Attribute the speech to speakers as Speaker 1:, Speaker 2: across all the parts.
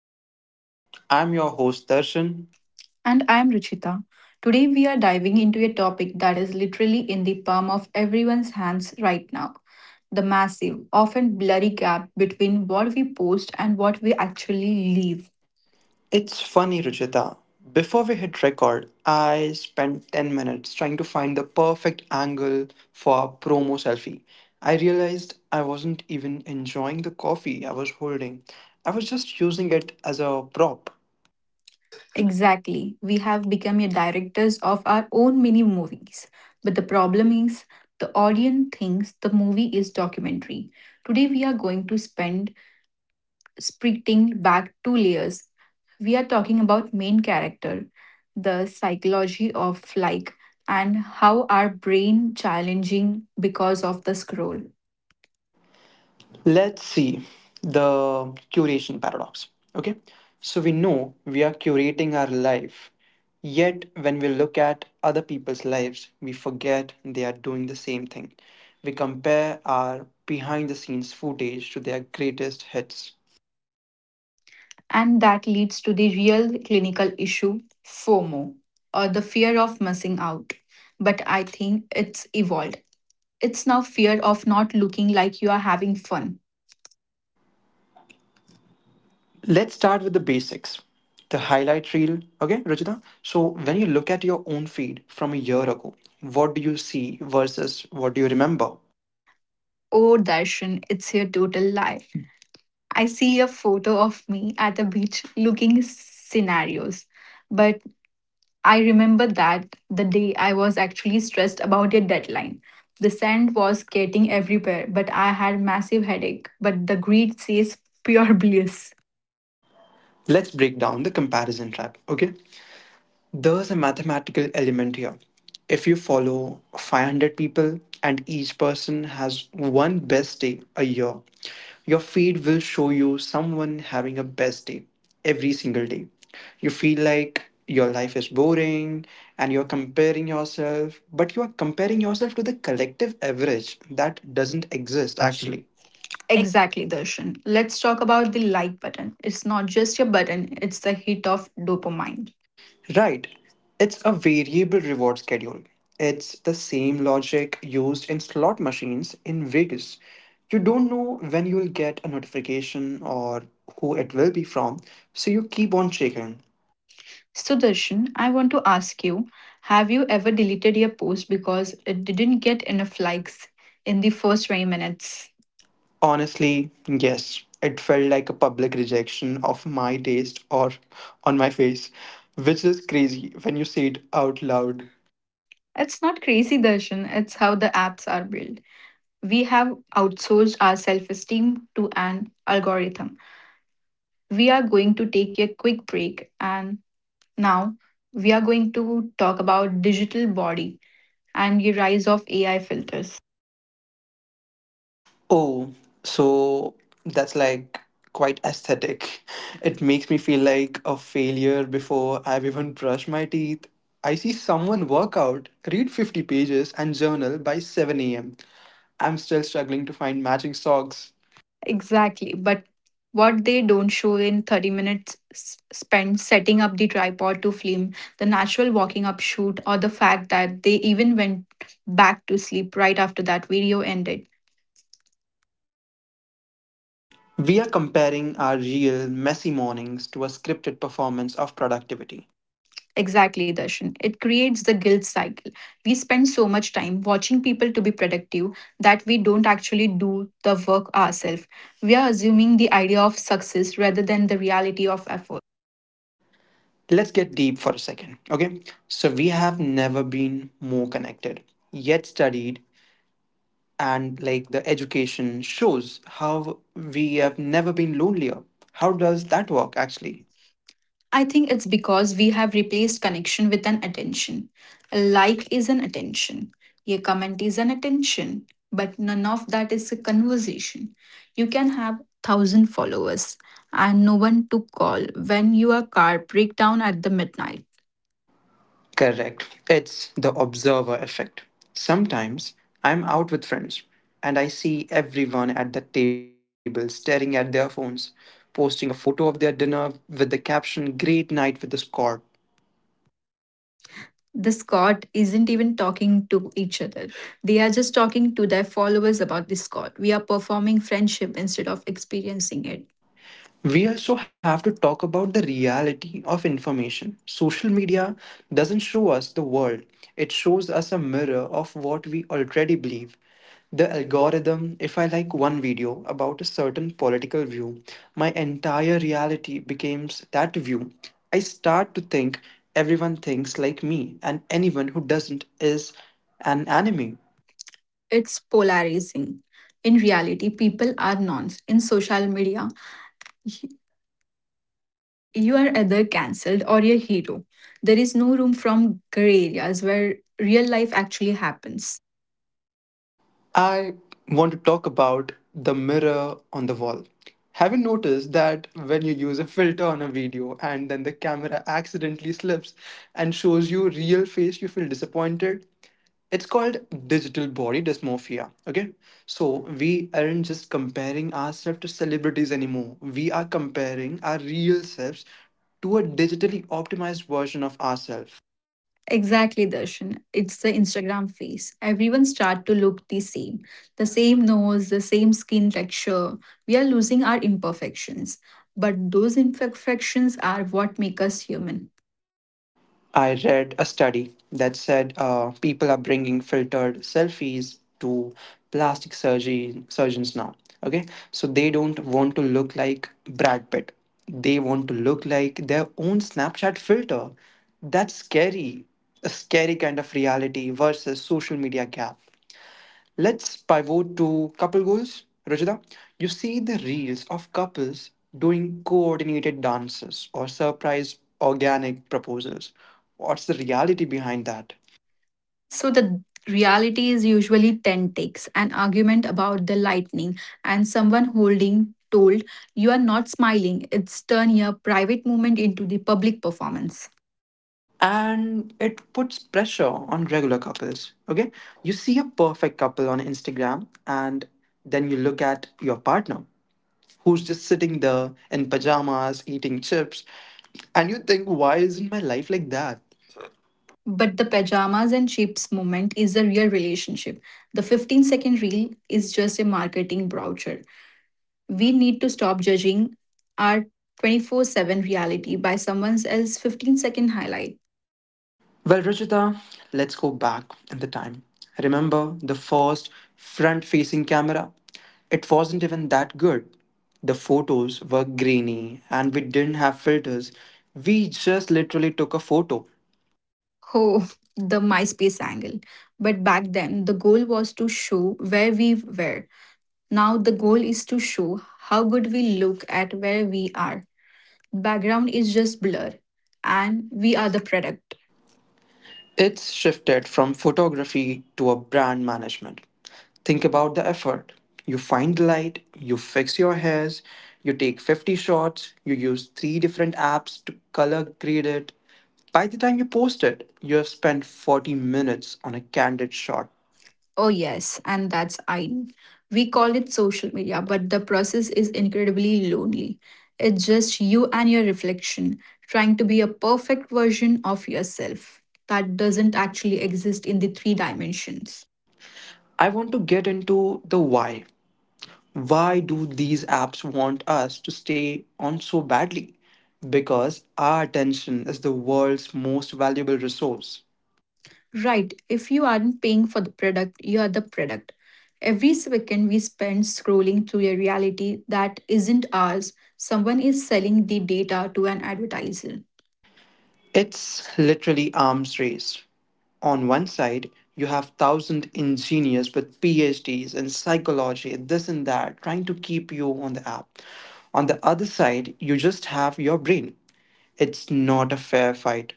Speaker 1: Filtered Lens. I'm your host, Darshan.
Speaker 2: And I'm Ruchita. Today we are diving into a topic that is literally in the palm of everyone's hands right now, the massive, often blurry gap between what we post and what we actually live.
Speaker 1: It's funny, Ruchita. Before we hit record, I spent 10 minutes trying to find the perfect angle for a promo selfie. I realized I wasn't even enjoying the coffee I was holding, I was just using it as a prop.
Speaker 2: Exactly. We have become a directors of our own mini movies. But the problem is, the audience thinks the movie is documentary. Today we are going to spend spreading back two layers. We are talking about main character, the psychology of like, and how our brain challenging because of the scroll.
Speaker 1: Let's see the curation paradox. Okay, so we know we are curating our life, yet when we look at other people's lives, we forget they are doing the same thing. We compare our behind the scenes footage to their greatest hits.
Speaker 2: And that leads to the real clinical issue, FOMO, or the fear of missing out. But I think it's evolved. It's now fear of not looking like you are having fun.
Speaker 1: Let's start with the basics the highlight reel. Okay, Rajita. So when you look at your own feed from a year ago, what do you see versus what do you remember?
Speaker 2: Oh, Darshan, it's a total lie. I see a photo of me at the beach looking scenarios. But I remember that the day I was actually stressed about a deadline. The sand was getting everywhere, but I had massive headache. But the greed says pure bliss.
Speaker 1: Let's break down the comparison trap. Okay. There's a mathematical element here. If you follow 500 people and each person has one best day a year, your feed will show you someone having a best day every single day. You feel like your life is boring and you're comparing yourself, but you are comparing yourself to the collective average that doesn't
Speaker 2: Just
Speaker 1: exist
Speaker 2: actually.
Speaker 1: actually.
Speaker 2: Exactly, Darshan. Let's talk about the like button. It's not just your button, it's the hit of dopamine.
Speaker 1: Right. It's a variable reward schedule. It's the same logic used in slot machines in Vegas. You don't know when you'll get a notification or who it will be from, so you keep on checking.
Speaker 2: Sudarshan, I want to ask you, have you ever deleted your post because it didn't get enough likes in the first 20 minutes?
Speaker 1: Honestly, yes, it felt like a public rejection of my taste or on my face, which is crazy when you say it out loud.
Speaker 2: It's not crazy, Darshan. It's how the apps are built. We have outsourced our self esteem to an algorithm. We are going to take a quick break and now we are going to talk about digital body and the rise of AI filters.
Speaker 1: Oh, so that's like quite aesthetic. It makes me feel like a failure before I've even brushed my teeth. I see someone work out, read 50 pages, and journal by 7 a.m. I'm still struggling to find matching socks.
Speaker 2: Exactly. But what they don't show in 30 minutes spent setting up the tripod to film, the natural walking up shoot, or the fact that they even went back to sleep right after that video ended.
Speaker 1: We are comparing our real, messy mornings to a scripted performance of productivity.
Speaker 2: Exactly, Darshan. It creates the guilt cycle. We spend so much time watching people to be productive that we don't actually do the work ourselves. We are assuming the idea of success rather than the reality of effort.
Speaker 1: Let's get deep for a second, okay? So, we have never been more connected, yet studied and like the education shows how we have never been lonelier. How does that work actually?
Speaker 2: I think it's because we have replaced connection with an attention. A like is an attention. A comment is an attention. But none of that is a conversation. You can have thousand followers and no one to call when your car break down at the midnight.
Speaker 1: Correct. It's the observer effect. Sometimes I'm out with friends and I see everyone at the table staring at their phones, posting a photo of their dinner with the caption, Great night with the squad.
Speaker 2: The Scott isn't even talking to each other. They are just talking to their followers about the Scott. We are performing friendship instead of experiencing it.
Speaker 1: We also have to talk about the reality of information. Social media doesn't show us the world, it shows us a mirror of what we already believe. The algorithm, if I like one video about a certain political view, my entire reality becomes that view. I start to think everyone thinks like me, and anyone who doesn't is an enemy.
Speaker 2: It's polarizing. In reality, people are nuanced. In social media, y- you are either cancelled or a hero. There is no room from gray areas where real life actually happens.
Speaker 1: I want to talk about the mirror on the wall. Have you noticed that when you use a filter on a video and then the camera accidentally slips and shows you real face, you feel disappointed? It's called digital body dysmorphia. Okay. So we aren't just comparing ourselves to celebrities anymore. We are comparing our real selves to a digitally optimized version of ourselves.
Speaker 2: Exactly, Darshan. It's the Instagram face. Everyone start to look the same. The same nose, the same skin texture. We are losing our imperfections. But those imperfections are what make us human.
Speaker 1: I read a study that said people are bringing filtered selfies to plastic surgery surgeons now. Okay, so they don't want to look like Brad Pitt. They want to look like their own Snapchat filter. That's scary. A scary kind of reality versus social media gap. Let's pivot to couple goals. Rajita, you see the reels of couples doing coordinated dances or surprise organic proposals. What's the reality behind that?
Speaker 2: So the reality is usually 10 takes, an argument about the lightning, and someone holding told, "You are not smiling." It's turn your private moment into the public performance.
Speaker 1: And it puts pressure on regular couples. Okay? You see a perfect couple on Instagram and then you look at your partner who's just sitting there in pajamas eating chips and you think, why isn't my life like that?
Speaker 2: But the pajamas and chips moment is a real relationship. The 15-second reel is just a marketing brochure. We need to stop judging our 24/7 reality by someone else's 15-second highlight.
Speaker 1: Well, Ruchita, let's go back in the time. Remember the first front facing camera? It wasn't even that good. The photos were grainy and we didn't have filters. We just literally took a photo.
Speaker 2: Oh, the MySpace angle. But back then, the goal was to show where we were. Now, the goal is to show how good we look at where we are. Background is just blur, and we are the product.
Speaker 1: It's shifted from photography to a brand management. Think about the effort. You find the light, you fix your hairs, you take 50 shots, you use three different apps to color grade it. By the time you post it, you have spent 40 minutes on a candid shot.
Speaker 2: Oh, yes, and that's I. We call it social media, but the process is incredibly lonely. It's just you and your reflection, trying to be a perfect version of yourself that doesn't actually exist in the three dimensions.
Speaker 1: I want to get into the why. Why do these apps want us to stay on so badly? Because our attention is the world's most valuable resource.
Speaker 2: Right, if you aren't paying for the product, you are the product. Every second we spend scrolling through a reality that isn't ours, someone is selling the data to an advertiser.
Speaker 1: It's literally arms race. On one side, you have thousand engineers with PhDs in psychology, this and that, trying to keep you on the app. On the other side, you just have your brain. It's not a fair fight.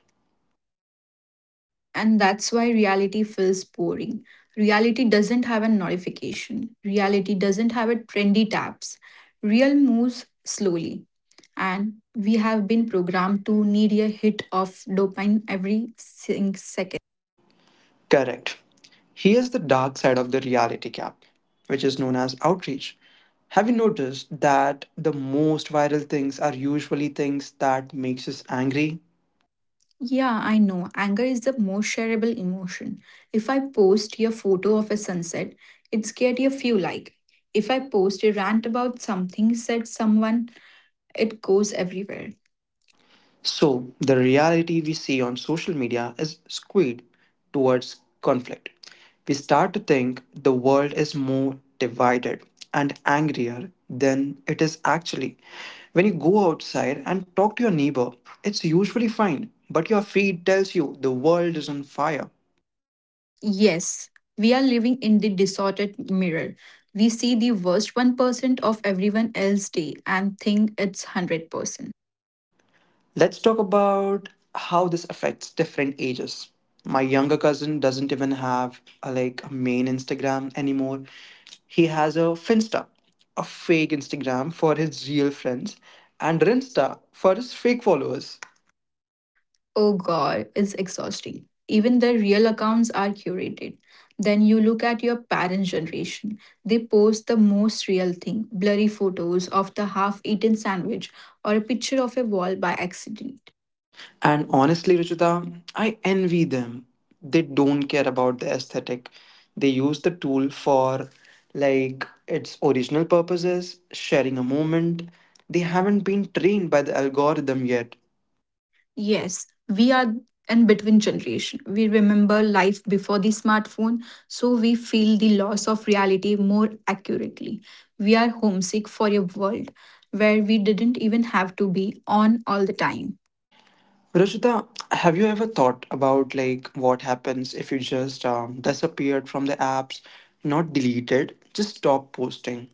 Speaker 2: And that's why reality feels boring. Reality doesn't have a notification. Reality doesn't have a trendy tabs. Real moves slowly. And we have been programmed to need a hit of dopamine every second.
Speaker 1: Correct. Here's the dark side of the reality gap, which is known as outreach. Have you noticed that the most viral things are usually things that makes us angry?
Speaker 2: Yeah, I know. Anger is the most shareable emotion. If I post a photo of a sunset, it's get a few like. If I post a rant about something said someone, it goes everywhere.
Speaker 1: So, the reality we see on social media is skewed towards conflict. We start to think the world is more divided and angrier than it is actually. When you go outside and talk to your neighbor, it's usually fine, but your feed tells you the world is on fire.
Speaker 2: Yes, we are living in the distorted mirror. We see the worst 1% of everyone else's day and think it's 100%.
Speaker 1: Let's talk about how this affects different ages. My younger cousin doesn't even have a, like, a main Instagram anymore. He has a Finsta, a fake Instagram for his real friends, and Rinsta for his fake followers.
Speaker 2: Oh god, it's exhausting. Even the real accounts are curated. Then you look at your parents' generation. They post the most real thing, blurry photos of the half eaten sandwich or a picture of a wall by accident.
Speaker 1: And honestly, Ruchita, I envy them. They don't care about the aesthetic. They use the tool for like its original purposes, sharing a moment. They haven't been trained by the algorithm yet.
Speaker 2: Yes, we are in between generation. We remember life before the smartphone, so we feel the loss of reality more accurately. We are homesick for a world where we didn't even have to be on all the time.
Speaker 1: Rajita, have you ever thought about like what happens if you just disappeared from the apps, not deleted, just stop posting?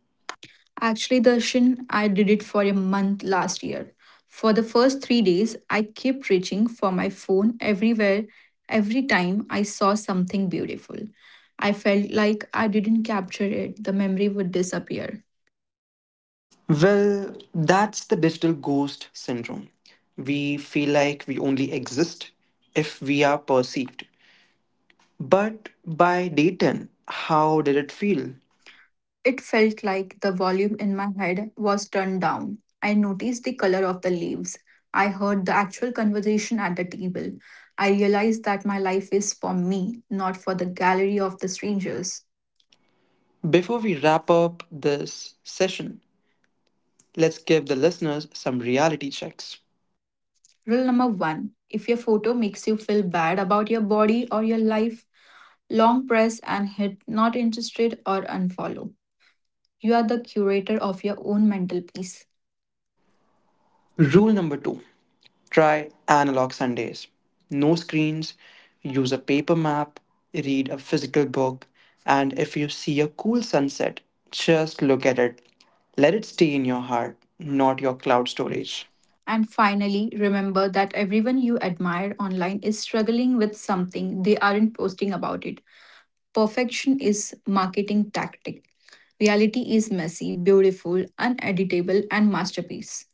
Speaker 2: Actually, Darshan, I did it for a month last year. For the first 3 days, I kept reaching for my phone everywhere, every time I saw something beautiful. I felt like I didn't capture it, the memory would disappear.
Speaker 1: Well, that's the digital ghost syndrome. We feel like we only exist if we are perceived. But by day 10, how did it feel?
Speaker 2: It felt like the volume in my head was turned down. I noticed the color of the leaves. I heard the actual conversation at the table. I realized that my life is for me, not for the gallery of the strangers.
Speaker 1: Before we wrap up this session, let's give the listeners some reality checks.
Speaker 2: Rule number one, if your photo makes you feel bad about your body or your life, long press and hit not interested or unfollow. You are the curator of your own mental peace.
Speaker 1: Rule number two, try analog Sundays. No screens, use a paper map, read a physical book, and if you see a cool sunset, just look at it. Let it stay in your heart, not your cloud
Speaker 2: Storage.
Speaker 1: storage.
Speaker 2: And finally, remember that everyone you admire online is struggling with something they aren't posting about it. Perfection is marketing tactic. Reality is messy, beautiful, uneditable and masterpiece.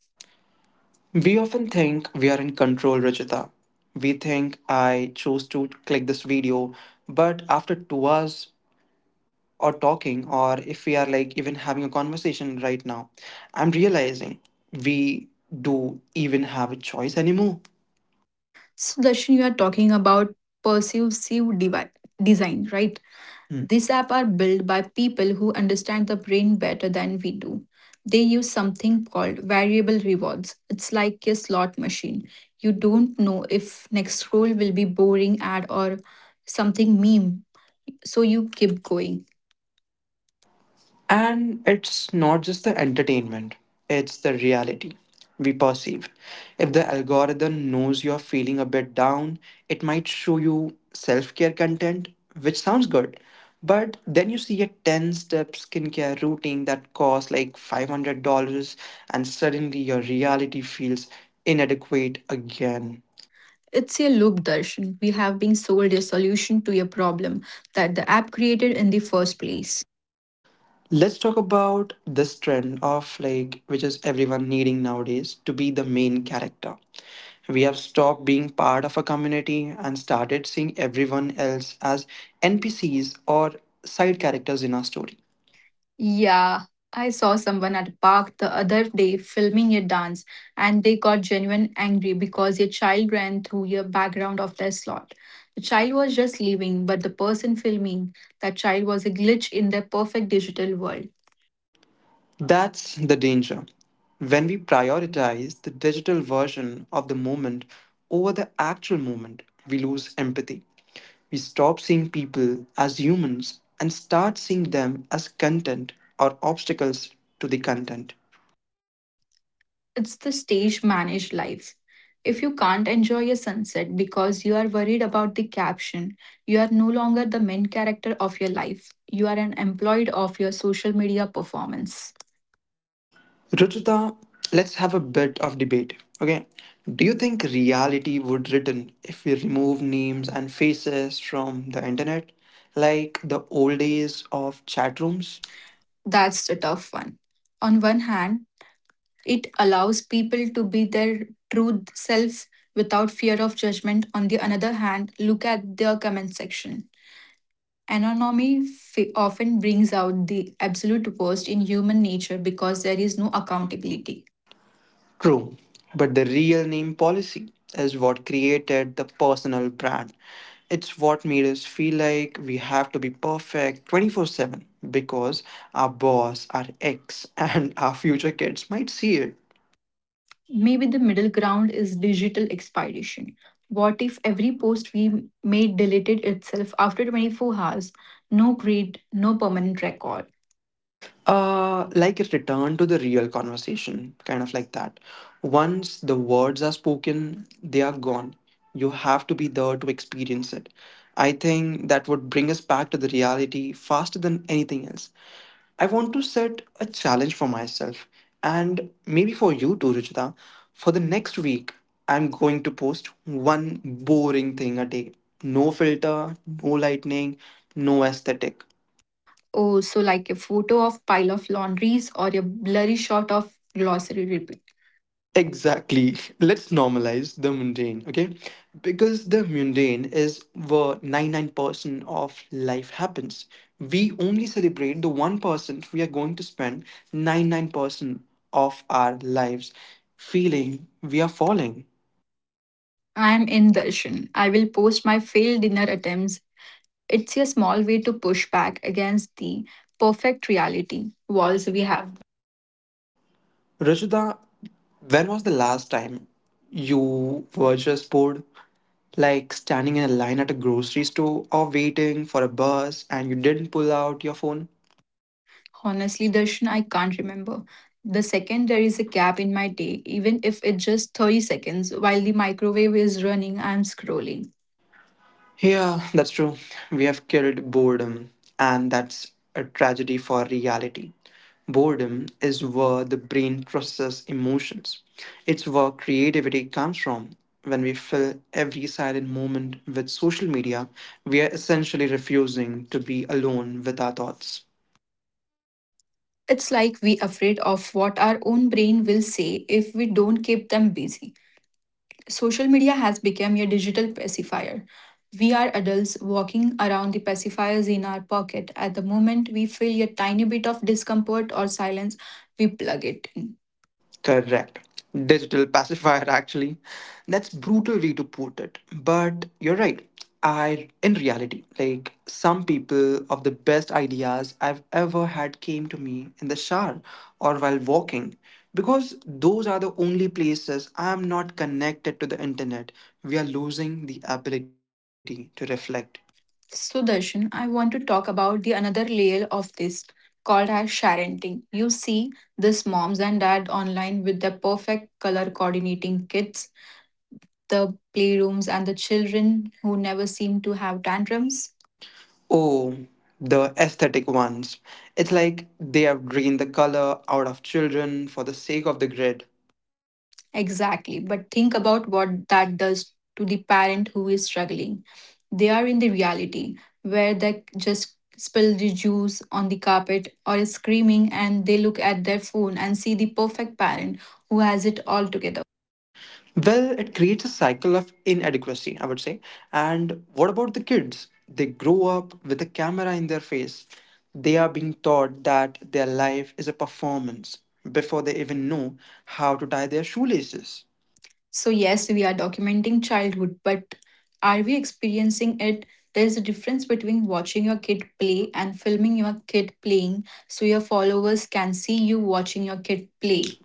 Speaker 1: We often think we are in control, Rajita. We think I chose to click this video, but after 2 hours or talking, or if we are like even having a conversation right now, I'm realizing we do even have a choice anymore.
Speaker 2: So, Darshan, you are talking about persuasive devi- design, right? Hmm. These apps are built by people who understand the brain better than we do. They use something called variable rewards. It's like a slot machine. You don't know if next scroll will be boring ad or something meme, so you keep going.
Speaker 1: And it's not just the entertainment, it's the reality we perceive. If the algorithm knows you're feeling a bit down, it might show you self care content, which sounds good. But then you see a 10 step skincare routine that costs like $500, and suddenly your reality feels inadequate again.
Speaker 2: It's a loop, Darshan. We have been sold a solution to a problem that the app created in the first place.
Speaker 1: Let's talk about this trend of like which is everyone needing nowadays to be the main character. We have stopped being part of a community and started seeing everyone else as NPCs or side characters in our story.
Speaker 2: Yeah, I saw someone at a park the other day filming a dance and they got genuine angry because a child ran through your background of their slot. The child was just leaving, but the person filming that child was a glitch in their perfect digital world.
Speaker 1: That's the danger. When we prioritize the digital version of the moment over the actual moment, we lose empathy. We stop seeing people as humans and start seeing them as content or obstacles to the content.
Speaker 2: It's the stage managed life. If you can't enjoy a sunset because you are worried about the caption, you are no longer the main character of your life. You are an employee of your social media performance.
Speaker 1: Ruchita, let's have a bit of debate. Okay. Do you think reality would return if we remove names and faces from the internet? Like the old days of chat rooms?
Speaker 2: That's the tough one. On one hand, it allows people to be their true self without fear of judgment. On the other hand, look at the comment section. Anonymity often brings out the absolute worst in human nature because there is no accountability.
Speaker 1: True, but the real name policy is what created the personal brand. It's what made us feel like we have to be perfect 24/7 because our boss, our ex, and our future kids might see it.
Speaker 2: Maybe the middle ground is digital expiration. What if every post we made deleted itself after 24 hours? No grade, no permanent record.
Speaker 1: Like a return to the real conversation, kind of like that. Once the words are spoken, they are gone. You have to be there to experience it. I think that would bring us back to the reality faster than anything else. I want to set a challenge for myself and maybe for you too, Ruchita. For the next week, I'm going to post one boring thing a day. No filter, no lightning, no aesthetic.
Speaker 2: Oh, so like a photo of pile of laundries or a blurry shot of glossary repeat.
Speaker 1: Exactly. Let's normalize the mundane, okay? Because the mundane is where 99% of life happens. We only celebrate the 1% we are going to spend 99% of our lives feeling we are falling.
Speaker 2: I am in the ocean. I will post my failed dinner attempts. It's a small way to push back against the perfect reality walls
Speaker 1: Walls
Speaker 2: we
Speaker 1: we
Speaker 2: have.
Speaker 1: have. Rajita, when was the last time you were just bored, like standing in a line at a grocery store or waiting for a bus and you didn't pull out your phone?
Speaker 2: Honestly, Darshan, I can't remember. The second there is a gap in my day, even if it's just 30 seconds, while the microwave is running, I'm scrolling.
Speaker 1: Yeah, that's true. We have killed boredom, and that's a tragedy for reality. Boredom is where the brain processes emotions. It's where creativity comes from. When we fill every silent moment with social media, we are essentially refusing to be alone with our thoughts.
Speaker 2: It's like we afraid of what our own brain will say if we don't keep them busy. Social media has become a digital pacifier. We are adults walking around the pacifiers in our pocket. At the moment we feel a tiny bit of discomfort or silence, we plug it in.
Speaker 1: Correct. Digital pacifier, actually. That's brutal way to put it. But you're right. I, in reality, like some people of the best ideas I've ever had came to me in the shower or while walking, because those are the only places I'm not connected to the internet. We are losing the ability to reflect.
Speaker 2: So, Darshan, I want to talk about the another layer of this called as sharenting. You see this moms and dad online with the perfect color coordinating kits, the playrooms and the children who never seem to have tantrums.
Speaker 1: Oh, the aesthetic ones. It's like they have drained the color out of children for the sake of the grid.
Speaker 2: Exactly. But think about what that does to the parent who is struggling. They are in the reality where they just spill the juice on the carpet or is screaming and they look at their phone and see the perfect parent who has it all together.
Speaker 1: Well, it creates a cycle of inadequacy, I would say. And what about the kids? They grow up with a camera in their face. They are being taught that their life is a performance before they even know how to tie their shoelaces.
Speaker 2: So, yes, we are documenting childhood, but are we experiencing it? There is a difference between watching your kid play and filming your kid playing so your followers can see you watching your kid
Speaker 1: Play.
Speaker 2: play.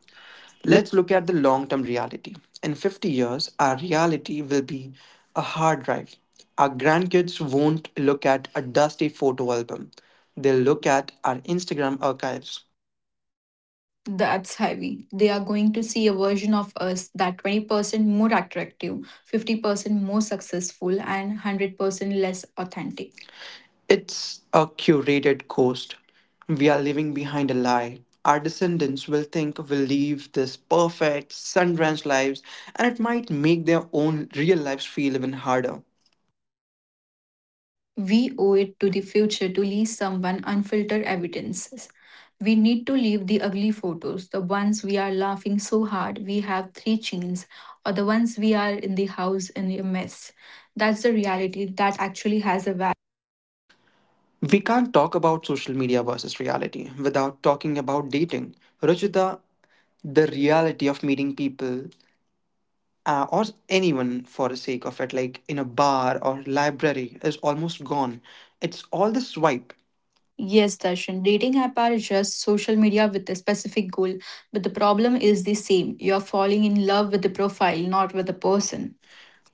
Speaker 1: Let's look at the long term reality. In 50 years, our reality will be a hard drive. Our grandkids won't look at a dusty photo album, they'll look at our Instagram archives.
Speaker 2: That's heavy. They are going to see a version of us that 20% more attractive, 50% more successful, and 100% less authentic.
Speaker 1: It's a curated coast. We are leaving behind a lie. Our descendants will think we live this perfect, sun drenched lives, and it might make their own real lives feel even harder.
Speaker 2: We owe it to the future to leave someone unfiltered evidences. We need to leave the ugly photos, the ones we are laughing so hard we have three chins, or the ones we are in the house in a mess. That's the reality that actually has a value.
Speaker 1: We can't talk about social media versus reality without talking about dating. Ruchita, the reality of meeting people or anyone for the sake of it, like in a bar or library, is almost gone. It's all the swipe.
Speaker 2: Yes, Darshan, dating app are just social media with a specific goal, but the problem is the same. You're falling in love with the profile, not with the person.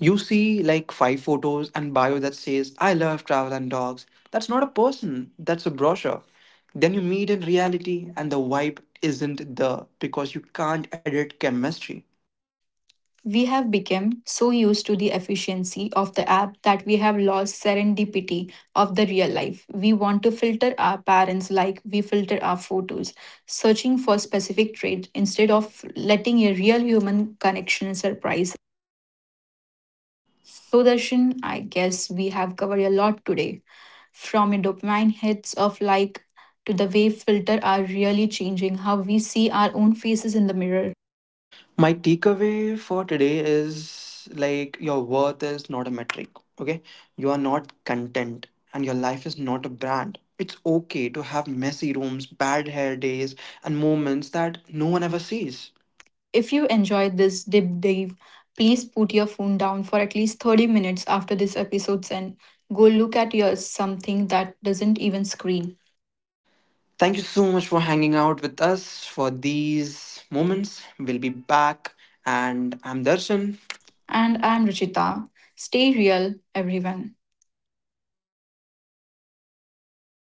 Speaker 1: You see like five photos and bio that says, I love travel and dogs. That's not a person, that's a brochure. Then you meet in reality and the vibe isn't there because you can't edit chemistry.
Speaker 2: We have become so used to the efficiency of the app that we have lost serendipity of the real life. We want to filter our parents like we filter our photos, searching for specific traits instead of letting a real human connection surprise. So, Darshan, I guess we have covered a lot today. From the dopamine hits of like to the way filter are really changing how we see our own faces in the mirror.
Speaker 1: My takeaway for today is like your worth is not a metric, okay? You are not content and your life is not a brand. It's okay to have messy rooms, bad hair days, and moments that no one ever sees.
Speaker 2: If you enjoyed this deep dive, please put your phone down for at least 30 minutes after this episode's end. Go look at your something that doesn't even scream.
Speaker 1: Thank you so much for hanging out with us for these moments. We'll be back. And I'm Darshan.
Speaker 2: And
Speaker 1: And
Speaker 2: I'm Ruchita. Stay real, everyone.